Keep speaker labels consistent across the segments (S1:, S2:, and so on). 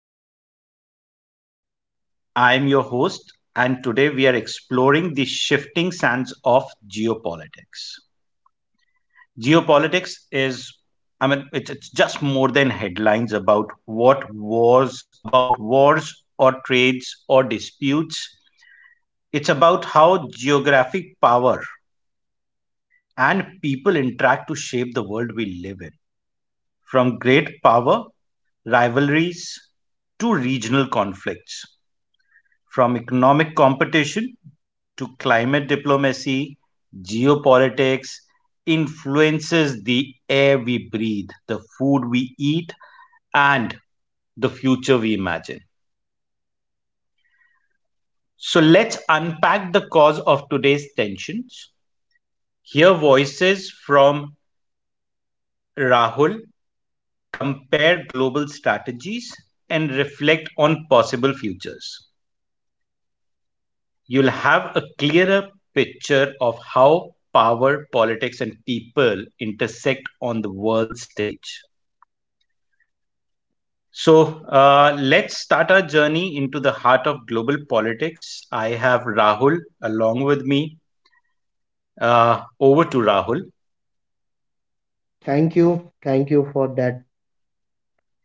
S1: Buzz. I'm your host, and today we are exploring the shifting sands of geopolitics. Geopolitics is, I mean, it's just more than headlines about wars or trades or disputes. It's about how geographic power and people interact to shape the world we live in. From great power rivalries to regional conflicts, from economic competition to climate diplomacy, geopolitics influences the air we breathe, the food we eat, and the future we imagine. So let's unpack the cause of today's tensions, hear voices from Rahul, compare global strategies, and reflect on possible futures. You'll have a clearer picture of how power, politics, and people intersect on the world stage. So let's start our journey into the heart of global politics. I have Rahul along with me. Over to Rahul.
S2: Thank you. Thank you for that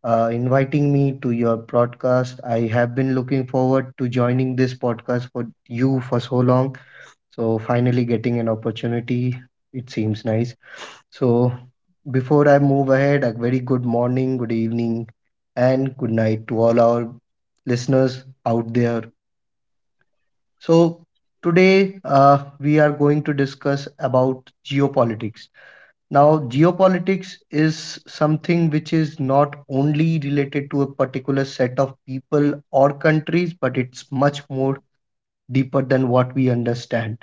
S2: inviting me to your podcast. I have been looking forward to joining this podcast for you for so long. So finally getting an opportunity, it seems nice. So before I move ahead, a very good morning, good evening, and good night to all our listeners out there. So today we are going to discuss about geopolitics. Now, geopolitics is something which is not only related to a particular set of people or countries, but it's much more deeper than what we understand.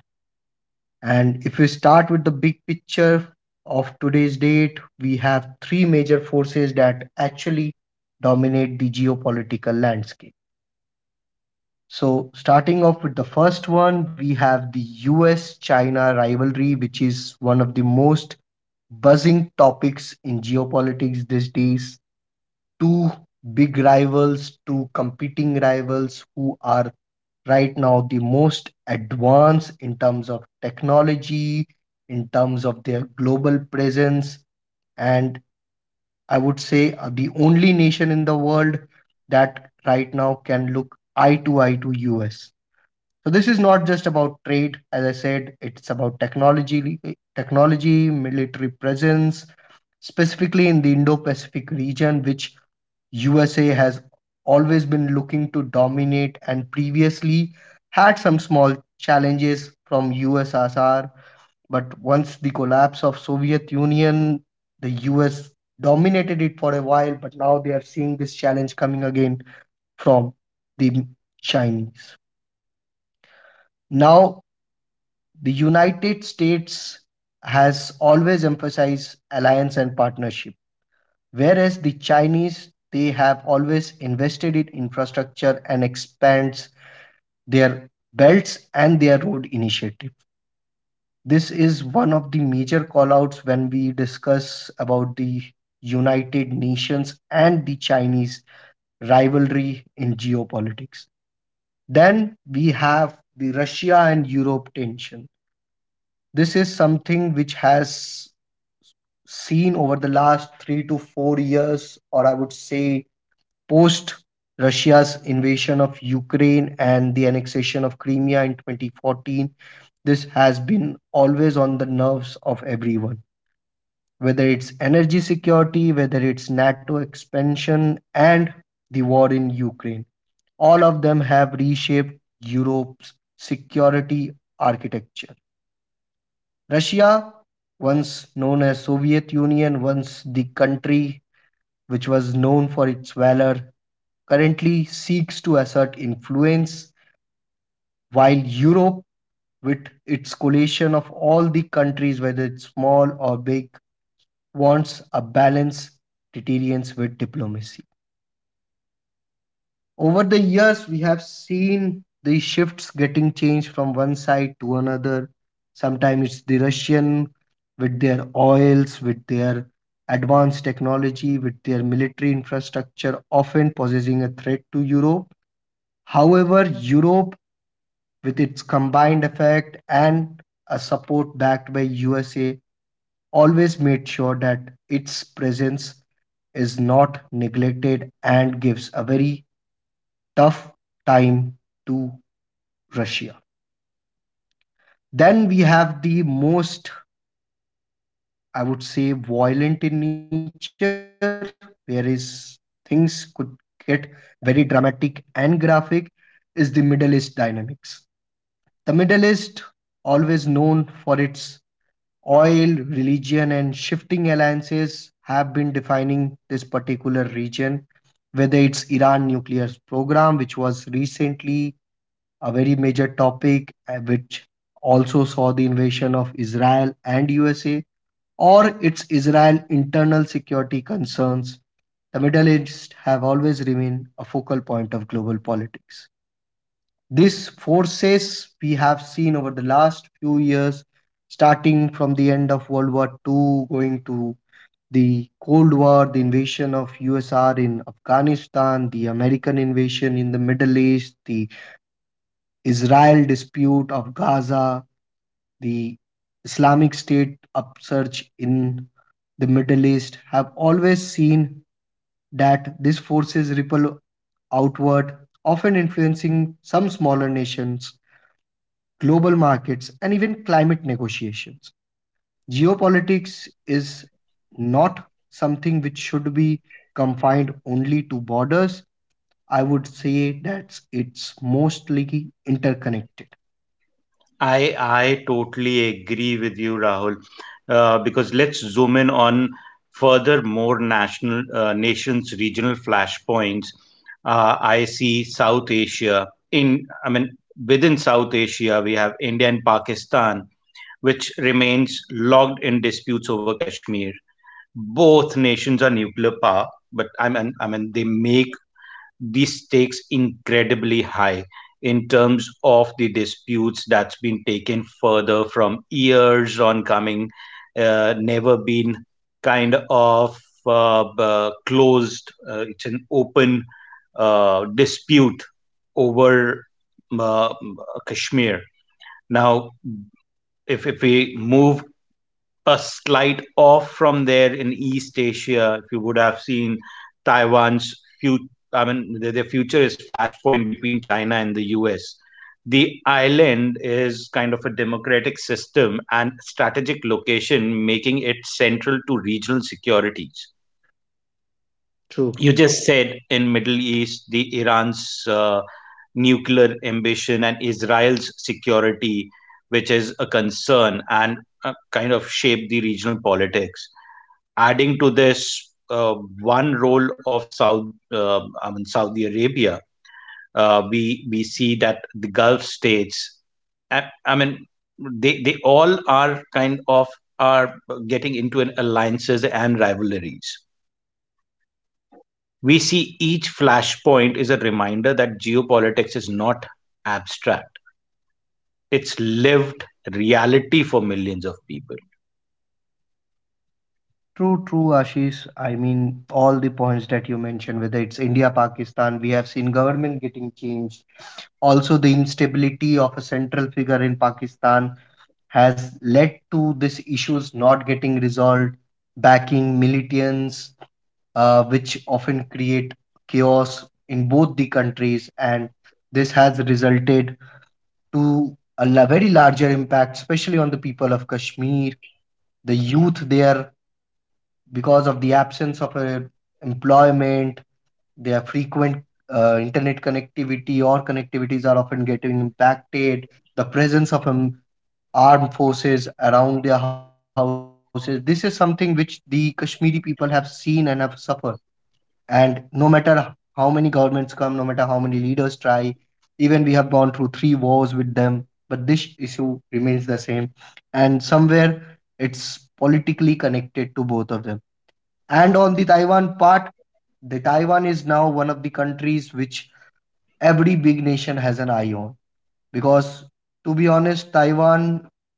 S2: And if we start with the big picture of today's date, we have three major forces that actually dominate the geopolitical landscape. So, starting off with the first one, we have the US China rivalry, which is one of the most buzzing topics in geopolitics these days. Two big rivals, two competing rivals who are right now the most advanced in terms of technology, in terms of their global presence, and I would say are the only nation in the world that right now can look eye to eye to US. So this is not just about trade, as I said, it's about technology, military presence, specifically in the Indo-Pacific region, which USA has always been looking to dominate and previously had some small challenges from USSR, but once the collapse of Soviet Union, the US dominated it for a while, but now they are seeing this challenge coming again from the Chinese. Now the United States has always emphasized alliance and partnership, whereas the Chinese they have always invested in infrastructure and expands their belts and their road initiative. This is one of the major callouts when we discuss about the United Nations and the Chinese rivalry in geopolitics. Then we have the Russia and Europe tension. This is something which has seen over the last 3 to 4 years, or I would say post Russia's invasion of Ukraine and the annexation of Crimea in 2014, this has been always on the nerves of everyone. Whether it's energy security, whether it's NATO expansion, and the war in Ukraine, all of them have reshaped Europe's security architecture. Russia, once known as Soviet Union, once the country which was known for its valor, currently seeks to assert influence, while Europe, with its coalition of all the countries, whether it's small or big, wants a balance deterrence with diplomacy. Over the years, we have seen the shifts getting changed from one side to another. Sometimes it's the Russian with their oils, with their advanced technology, with their military infrastructure, often posing a threat to Europe. However, Europe, with its combined effect and a support backed by USA, always made sure that its presence is not neglected and gives a very tough time to Russia. Then we have the most, I would say, violent in nature, whereas things could get very dramatic and graphic, is the Middle East dynamics. The Middle East, always known for its oil, religion, and shifting alliances have been defining this particular region, whether it's Iran nuclear program, which was recently a very major topic, which also saw the invasion of Israel and USA, or it's Israel internal security concerns. The Middle East have always remained a focal point of global politics. These forces we have seen over the last few years, starting from the end of World War II, going to the Cold War, the invasion of USSR in Afghanistan, the American invasion in the Middle East, the Israel dispute of Gaza, the Islamic State upsurge in the Middle East, have always seen that these forces ripple outward, often influencing some smaller nations global markets, and even climate negotiations. Geopolitics is not something which should be confined only to borders. I would say that it's mostly interconnected.
S1: I totally agree with you, Rahul. Because let's zoom in on further more national nations regional flashpoints. I see South Asia in I mean within South Asia we have India and Pakistan, which remains logged in disputes over Kashmir. Both nations are nuclear power, but they make the stakes incredibly high in terms of the disputes that's been taken further from years on coming, never been kind of b- closed. It's an open dispute over uh, Kashmir. Now, if we move a slight off from there in East Asia. If you would have seen Taiwan's future, their future is flashpoint between China and the US. The island is kind of a democratic system and strategic location, making it central to regional securities.
S2: True.
S1: You just said in Middle East, the Iran's nuclear ambition and Israel's security, which is a concern and kind of shape the regional politics, adding to this one role of South, I mean Saudi Arabia, we see that the Gulf states, I, I mean, they all are kind of are getting into an alliances and rivalries. We see each flashpoint is a reminder that geopolitics is not abstract; it's lived reality for millions of people.
S2: True, true, Ashish. I mean, all the points that you mentioned, whether it's India, Pakistan, we have seen government getting changed also the instability of a central figure in Pakistan has led to these issues not getting resolved, backing militants, which often create chaos in both the countries, and this has resulted to very larger impact, especially on the people of Kashmir, the youth there, because of the absence of employment, their frequent internet connectivity or connectivities are often getting impacted. The presence of armed forces around their houses. This is something which the Kashmiri people have seen and have suffered. And no matter how many governments come, no matter how many leaders try, even we have gone through three wars with them, but this issue remains the same. And somewhere it's politically connected to both of them. And on the Taiwan part, the Taiwan is now one of the countries which every big nation has an eye on because to be honest, Taiwan,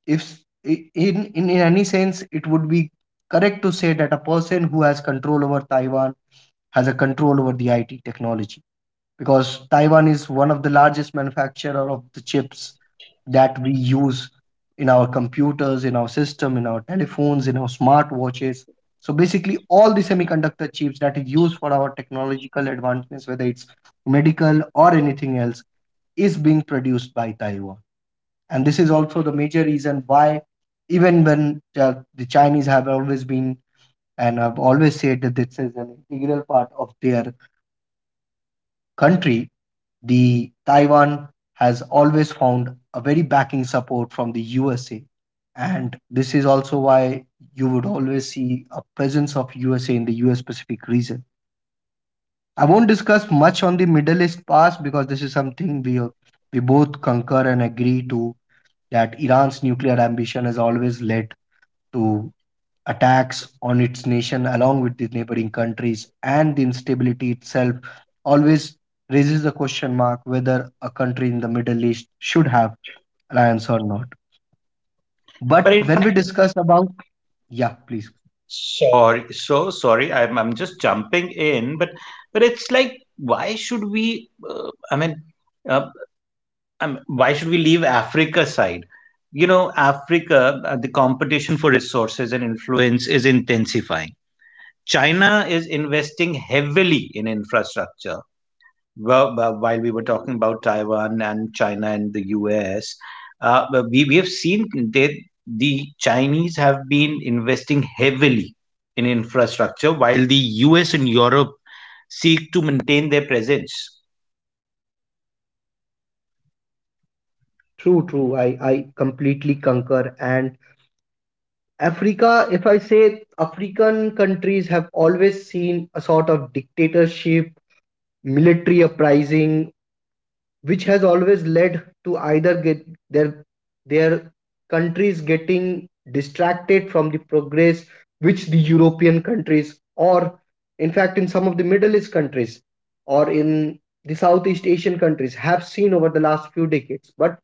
S2: if s- I- in any sense, it would be correct to say that a person who has control over Taiwan has a control over the IT technology because Taiwan is one of the largest manufacturer of the chips that we use in our computers, in our system, in our telephones, in our smartwatches. So basically all the semiconductor chips that is used for our technological advancements, whether it's medical or anything else, is being produced by Taiwan. And this is also the major reason why even when the Chinese have always been and have always said that this is an integral part of their country, the Taiwan has always found a very backing support from the USA. And this is also why you would always see a presence of USA in the US Pacific region. I won't discuss much on the Middle East past because this is something we both concur and agree to, that Iran's nuclear ambition has always led to attacks on its nation along with the neighboring countries, and the instability itself always raises the question mark whether a country in the Middle East should have alliance or not,
S1: But
S2: but
S1: in
S2: when we
S1: fact,
S2: discuss about yeah, please.
S1: sorry. I'm just jumping in, but it's like why should we? Uh, why should we leave Africa side? You know, Africa, the competition for resources and influence is intensifying. China is investing heavily in infrastructure, while we were talking about Taiwan and China and the US. But we have seen that the Chinese have been investing heavily in infrastructure while the US and Europe seek to maintain their presence.
S2: True, true, I completely concur. And Africa, if I say, African countries have always seen a sort of dictatorship, military uprising, which has always led to either get their countries getting distracted from the progress which the European countries or in fact in some of the Middle East countries or in the Southeast Asian countries have seen over the last few decades. But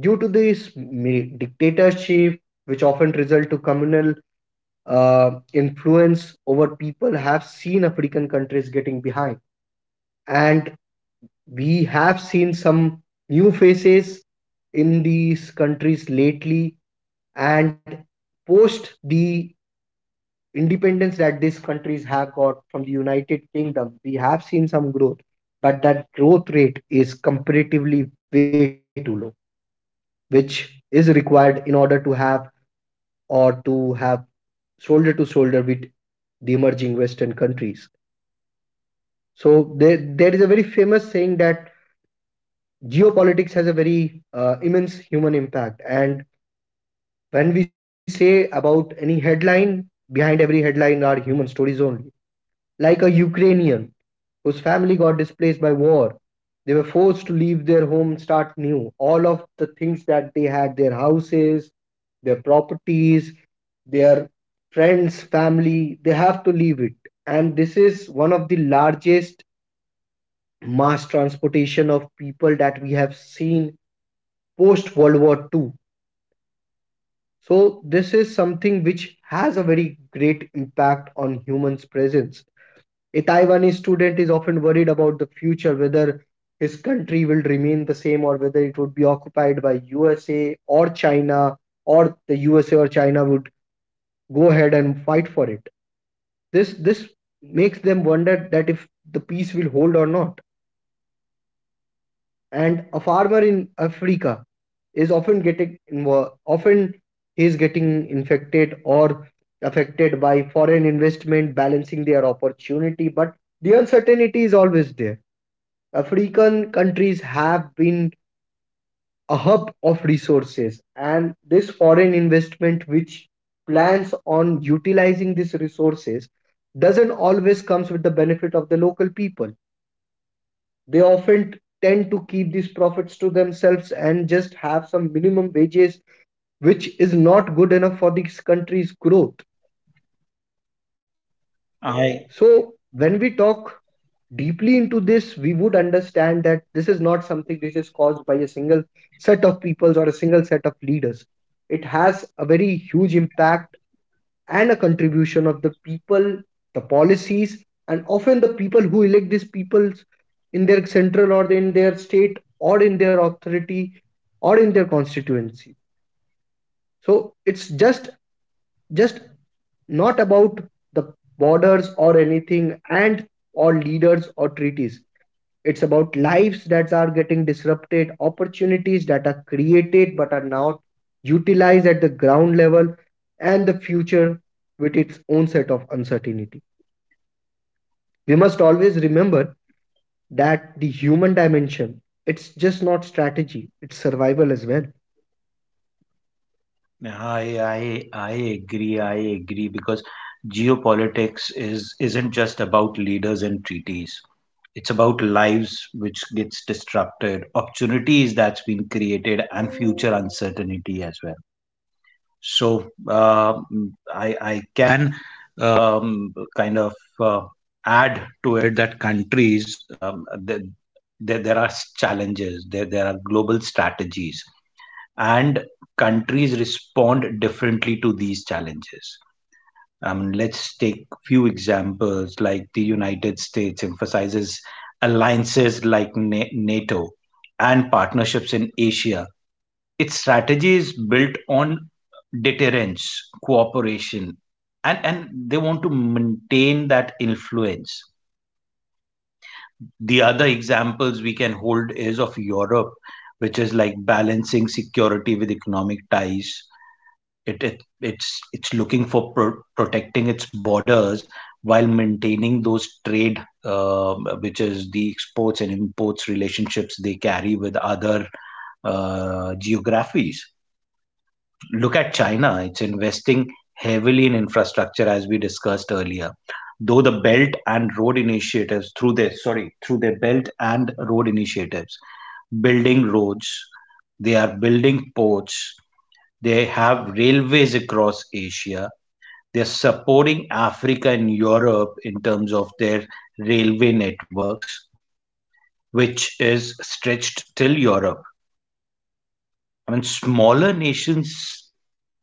S2: due to this dictatorship, which often result to communal influence over people, have seen African countries getting behind. And we have seen some new faces in these countries lately and post the independence that these countries have got from the United Kingdom, we have seen some growth, but that growth rate is comparatively way too low which is required in order to have or to have shoulder to shoulder with the emerging western countries. So there is a very famous saying that geopolitics has a very immense human impact, and when we say about any headline, behind every headline are human stories only. Like a Ukrainian whose family got displaced by war, they were forced to leave their home, start new. All of the things that they had, their houses, their properties, their friends, family, they have to leave it. And this is one of the largest mass transportation of people that we have seen post World War II. So this is something which has a very great impact on humans' presence. A Taiwanese student is often worried about the future, whether his country will remain the same or whether it would be occupied by USA or China, or the USA or China would go ahead and fight for it. This makes them wonder that if the peace will hold or not. And a farmer in Africa is often getting invo- often he is getting infected or affected by foreign investment balancing their opportunity but the uncertainty is always there. African countries have been a hub of resources, and this foreign investment which plans on utilizing these resources doesn't always comes with the benefit of the local people. They often tend to keep these profits to themselves and just have some minimum wages which is not good enough for this country's growth. So when we
S1: I,
S2: talk deeply into this, we would understand that this is not something which is caused by a single set of peoples or a single set of leaders. It has a very huge impact and a contribution of the people, the policies, and often the people who elect these people in their central or in their state or in their authority or in their constituency. So it's just not about the borders or anything and or leaders or treaties. It's about lives that are getting disrupted, opportunities that are created but are not utilized at the ground level, and the future with its own set of uncertainty. We must always remember that the human dimension, it's just not strategy, it's survival as well.
S1: I, I agree because isn't just about leaders and treaties. It's about lives which gets disrupted, opportunities that's been created, and future uncertainty as well. So uh, mm, i i can um, kind of uh, add to it that there are challenges, there are global strategies, and countries respond differently to these challenges. Let's take few examples. Like the United States emphasizes alliances like NATO and partnerships in Asia. Its strategy is built on deterrence, cooperation, and, they want to maintain that influence. The other examples we can hold is of Europe, which is like balancing security with economic ties. It's looking for protecting its borders while maintaining those trade, which is the exports and imports relationships they carry with other geographies. Look at China, it's investing heavily in infrastructure, as we discussed earlier, though the belt and road initiatives through their sorry through their belt and road initiatives. Building roads, they are building ports, they have railways across Asia. They're supporting Africa and Europe in terms of their railway networks, which is stretched till Europe. I mean, smaller nations,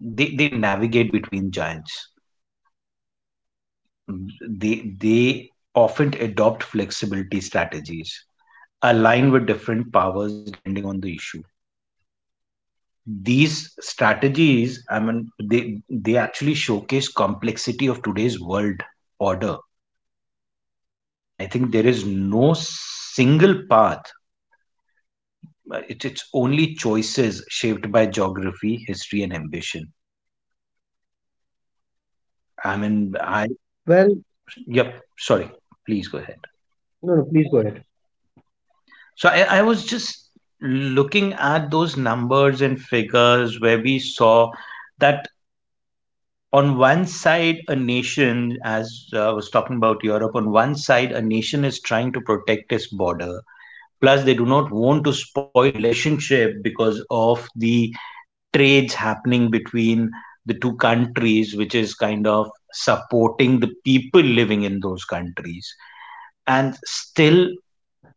S1: they navigate between giants. They often adopt flexibility strategies, align with different powers depending on the issue. These strategies, I mean, they actually showcase complexity of today's world order. I think there is no single path. It's only choices shaped by geography, history, and ambition. I mean, I
S2: Well.
S1: yep. Sorry, please go ahead.
S2: No, no, please go ahead.
S1: So I was just looking at those numbers and figures where we saw that on one side a nation, as I was talking about Europe, on one side a nation is trying to protect its border. Plus, they do not want to spoil a relationship because of the trades happening between the two countries, which is kind of supporting the people living in those countries. And still,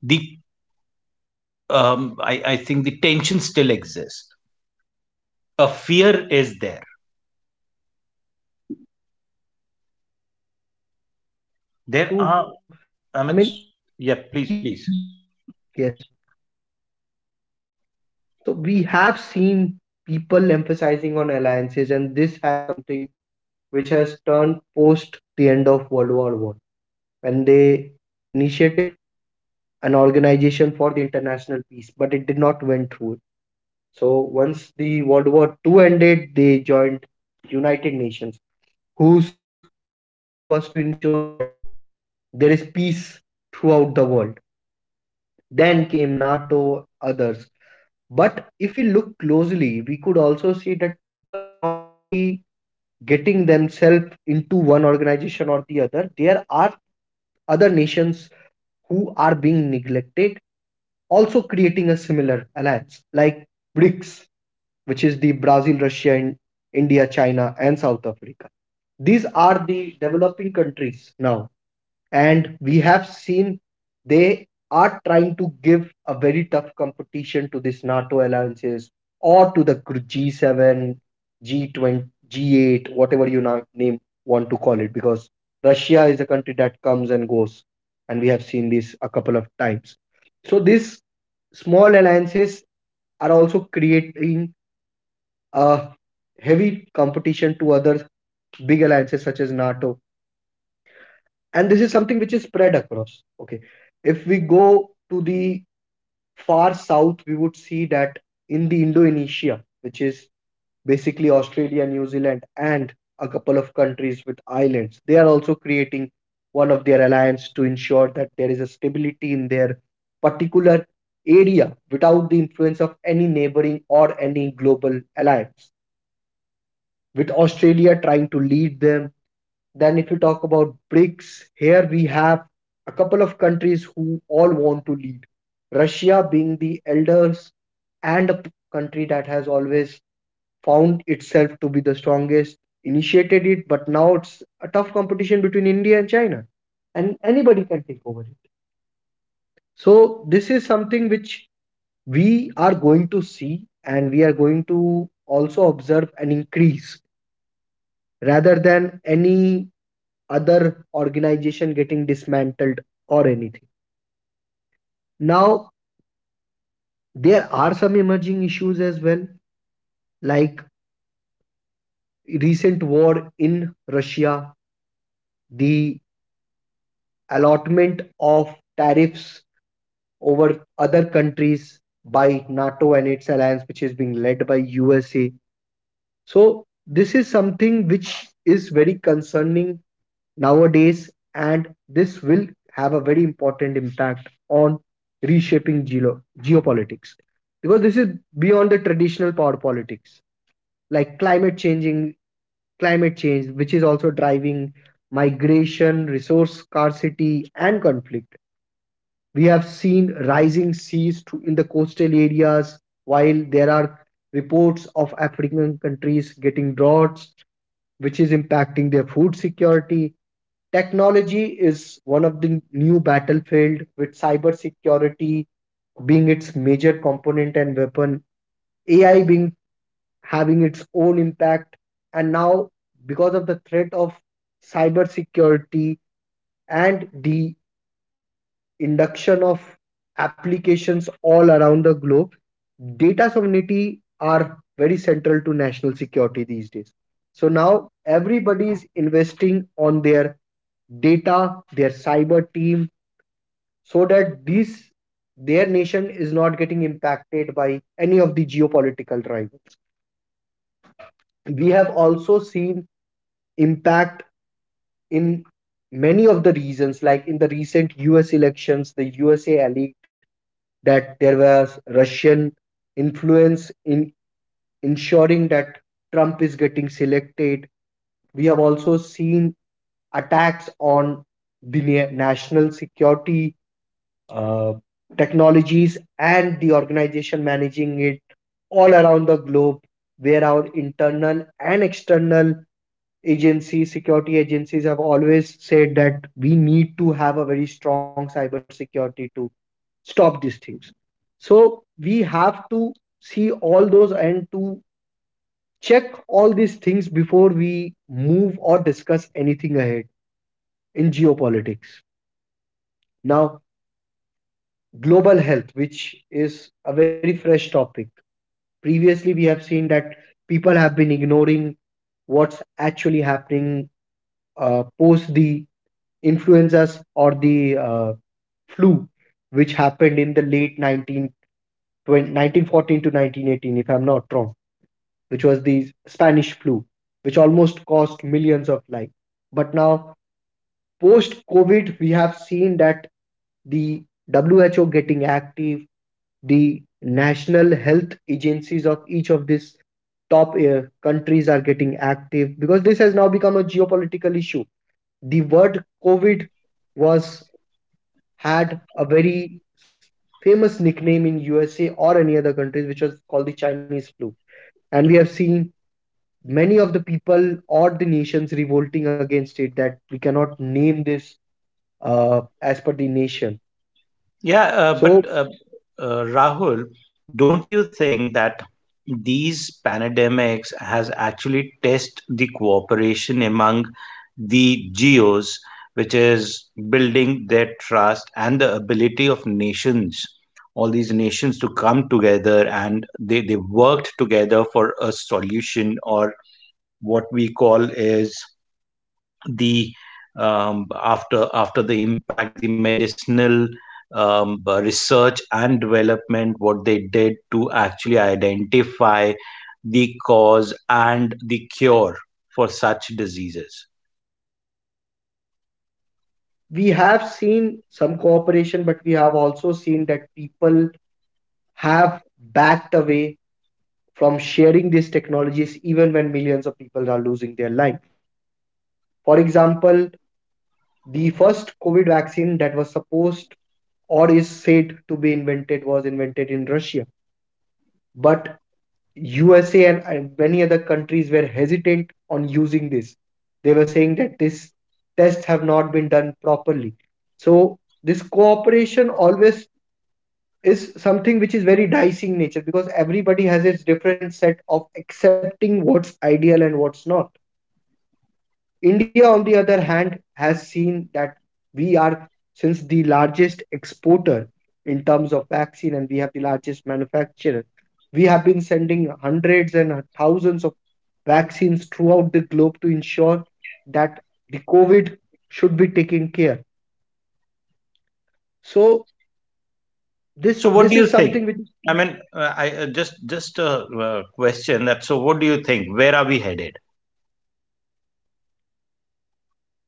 S1: the I think the tension still exists. A fear is there.
S2: True, true.
S1: There are,
S2: I mean,
S1: I mean, s-
S2: we
S1: Yeah,
S2: have
S1: please,
S2: seen,
S1: please.
S2: yes, so we have seen people emphasizing on alliances, and this has something which has turned post the end of World War I when they initiated an organization for the international peace, but it did not went through. So once the World War II ended, they joined United Nations, whose key role was to ensure that there is peace throughout the world. Then came NATO, others. But if we look closely, we could also see that people are not only getting themselves into one organization or the other, there are other nations who are being neglected, also creating a similar alliance like BRICS, which is the Brazil, Russia, and India, China, and South Africa. These are the developing countries now and we have seen they are trying to give a very tough competition to this NATO alliances or to the G7, G20, G8, whatever you name want to call it, because Russia is a country that comes and goes, and we have seen this a couple of times. So these small alliances are also creating a heavy competition to other big alliances such as NATO, and this is something which is spread across. Okay. If we go to the far south, we would see that in the Indonesia, which is basically Australia, New Zealand, and a couple of countries with islands, they are also creating one of their alliance to ensure that there is a stability in their particular area without the influence of any neighboring or any global alliance. With Australia trying to lead them, then, if you talk about BRICS, here we have a couple of countries who all want to lead. Russia being the elders and a country that has always found itself to be the strongest, initiated it, but now it's a tough competition between India and China, and anybody can take over it. So, this is something which we are going to see, and we are going to also observe an increase rather than any other organization getting dismantled or anything. Now, there are some emerging issues as well, like recent war in Russia, the allotment of tariffs over other countries by NATO and its alliance, which is being led by USA. So, this is something which is very concerning nowadays, and this will have a very important impact on reshaping geopolitics because this is beyond the traditional power politics like climate change, which is also driving migration, resource scarcity and conflict. We have seen rising seas to, in the coastal areas, while there are reports of African countries getting droughts, which is impacting their food security. Technology is one of the new battlefield with cybersecurity being its major component and weapon, AI being having its own impact, and now because of the threat of cybersecurity and the induction of applications all around the globe, data sovereignty are very central to national security these days. So now everybody is investing on their data, their cyber team, so that these their nation is not getting impacted by any of the geopolitical rivals. We have also seen impact in many of the reasons, like in the recent US elections, the USA that there was Russian influence in ensuring that Trump is getting selected. We have also seen attacks on the national security uh, technologies and the organization managing it all around the globe, where our internal and external agencies, security agencies have always said that we need to have a very strong cybersecurity too stop these things. So we have to see all those and to check all these things before we move or discuss anything ahead in geopolitics. Now, global health, which is a very fresh topic. Previously we have seen that people have been ignoring what's actually happening post the influenzas or the flu which happened in the late 19, 1914 to 1918 if I'm not wrong, which was the Spanish flu, which almost cost millions of lives. But now, post COVID, we have seen that the WHO getting active, the national health agencies of each of these top countries are getting active because this has now become a geopolitical issue. The word COVID was had a very famous nickname in USA or any other countries, which was called the Chinese flu. And we have seen many of the people or the nations revolting against it that we cannot name this as per the nation.
S1: Yeah,
S2: So
S1: but Rahul, don't you think that these pandemics has actually test the cooperation among the geos, which is building their trust and the ability of nations, all these nations to come together and they worked together for a solution? Or what we call is the after the impact, the medicinal research and development, what they did to actually identify the cause and the cure for such diseases.
S2: we have seen some cooperation, but we have also seen that people have backed away from sharing these technologies even when millions of people are losing their life. For example, the first COVID vaccine that was supposed or is said to be invented was invented in Russia. But USA and many other countries were hesitant on using this. They were saying that this tests have not been done properly. So this cooperation always is something which is very dicey in nature because everybody has its different set of accepting what's ideal and what's not. India, on the other hand, has seen that we are, since the largest exporter in terms of vaccine and we have the largest manufacturer, we have been sending hundreds and thousands of vaccines throughout the globe to ensure that the COVID should be taken care. So this
S1: So what do
S2: this
S1: you
S2: is
S1: think?
S2: something which
S1: I
S2: is.
S1: mean I just a Question that, so what do you think, where are we headed?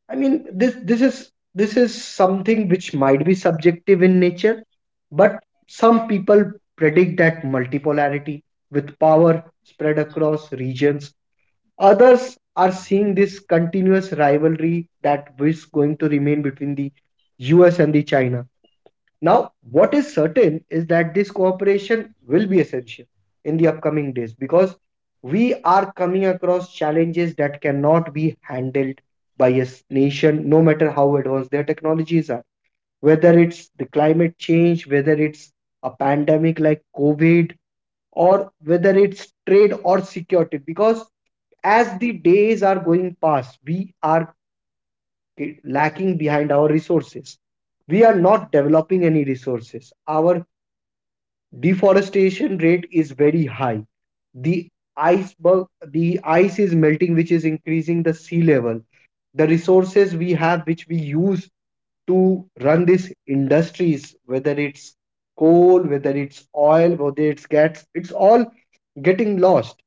S2: I mean, this is something which might be subjective in nature, but some people predict that multipolarity with power spread across regions. Others are seeing this continuous rivalry that is going to remain between the US and the China. Now, what is certain is that this cooperation will be essential in the upcoming days because we are coming across challenges that cannot be handled by a nation, no matter how advanced their technologies are. Whether it's the climate change, whether it's a pandemic like COVID, or whether it's trade or security, because as the days are going past, we are lacking behind our resources. We are not developing any resources. Our deforestation rate is very high. The iceberg, the ice is melting, which is increasing the sea level. The resources we have which we use to run these industries, whether it's coal, whether it's oil, whether it's gas, it's all getting lost.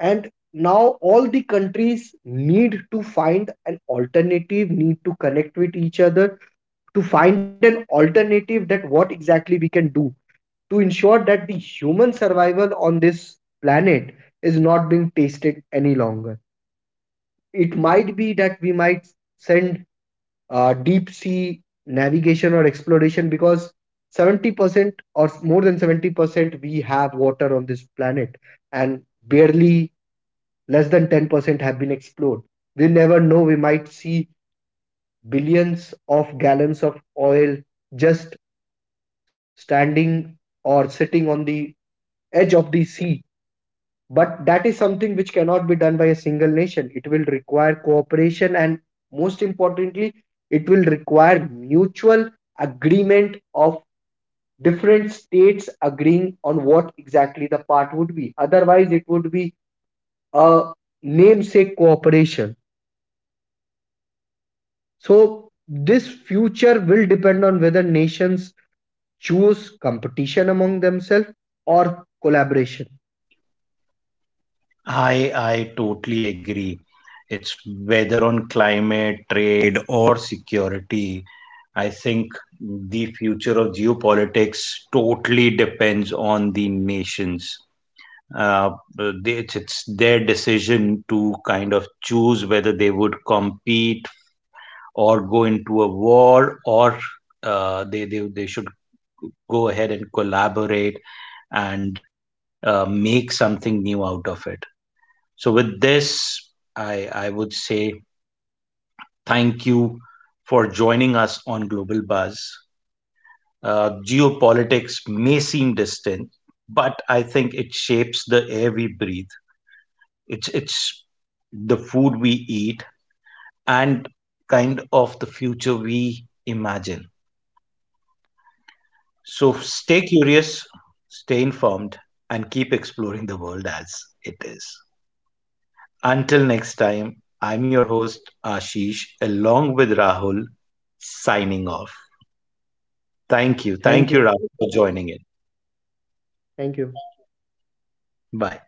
S2: And now all the countries need to find an alternative, need to connect with each other to find an alternative that what exactly we can do to ensure that the human survival on this planet is not being tasted any longer. It might be that we might send deep sea navigation or exploration because 70% or more than 70% we have water on this planet and barely less than 10% have been explored. We never know, we might see billions of gallons of oil just standing or sitting on the edge of the sea. But that is something which cannot be done by a single nation. It will require cooperation and, most importantly, it will require mutual agreement of different states agreeing on what exactly the part would be. Otherwise, it would be a namesake cooperation. So, this future will depend on whether nations choose competition among themselves or collaboration.
S1: I totally agree. It's whether on climate, trade, or security. I think the future of geopolitics totally depends on the nations. Uh, it's their decision to kind of choose whether they would compete or go into a war, or they should go ahead and collaborate and make something new out of it. So, with this, I would say thank you for joining us on Global Buzz. Geopolitics may seem distant, but I think it shapes the air we breathe. It's the food we eat and kind of the future we imagine. So, stay curious, stay informed, and keep exploring the world as it is. Until next time, I'm your host, Ashish, along with Rahul, signing off. Thank you. Thank
S2: Thank
S1: you,
S2: you.
S1: Rahul, for joining in.
S2: Thank you.
S1: Bye.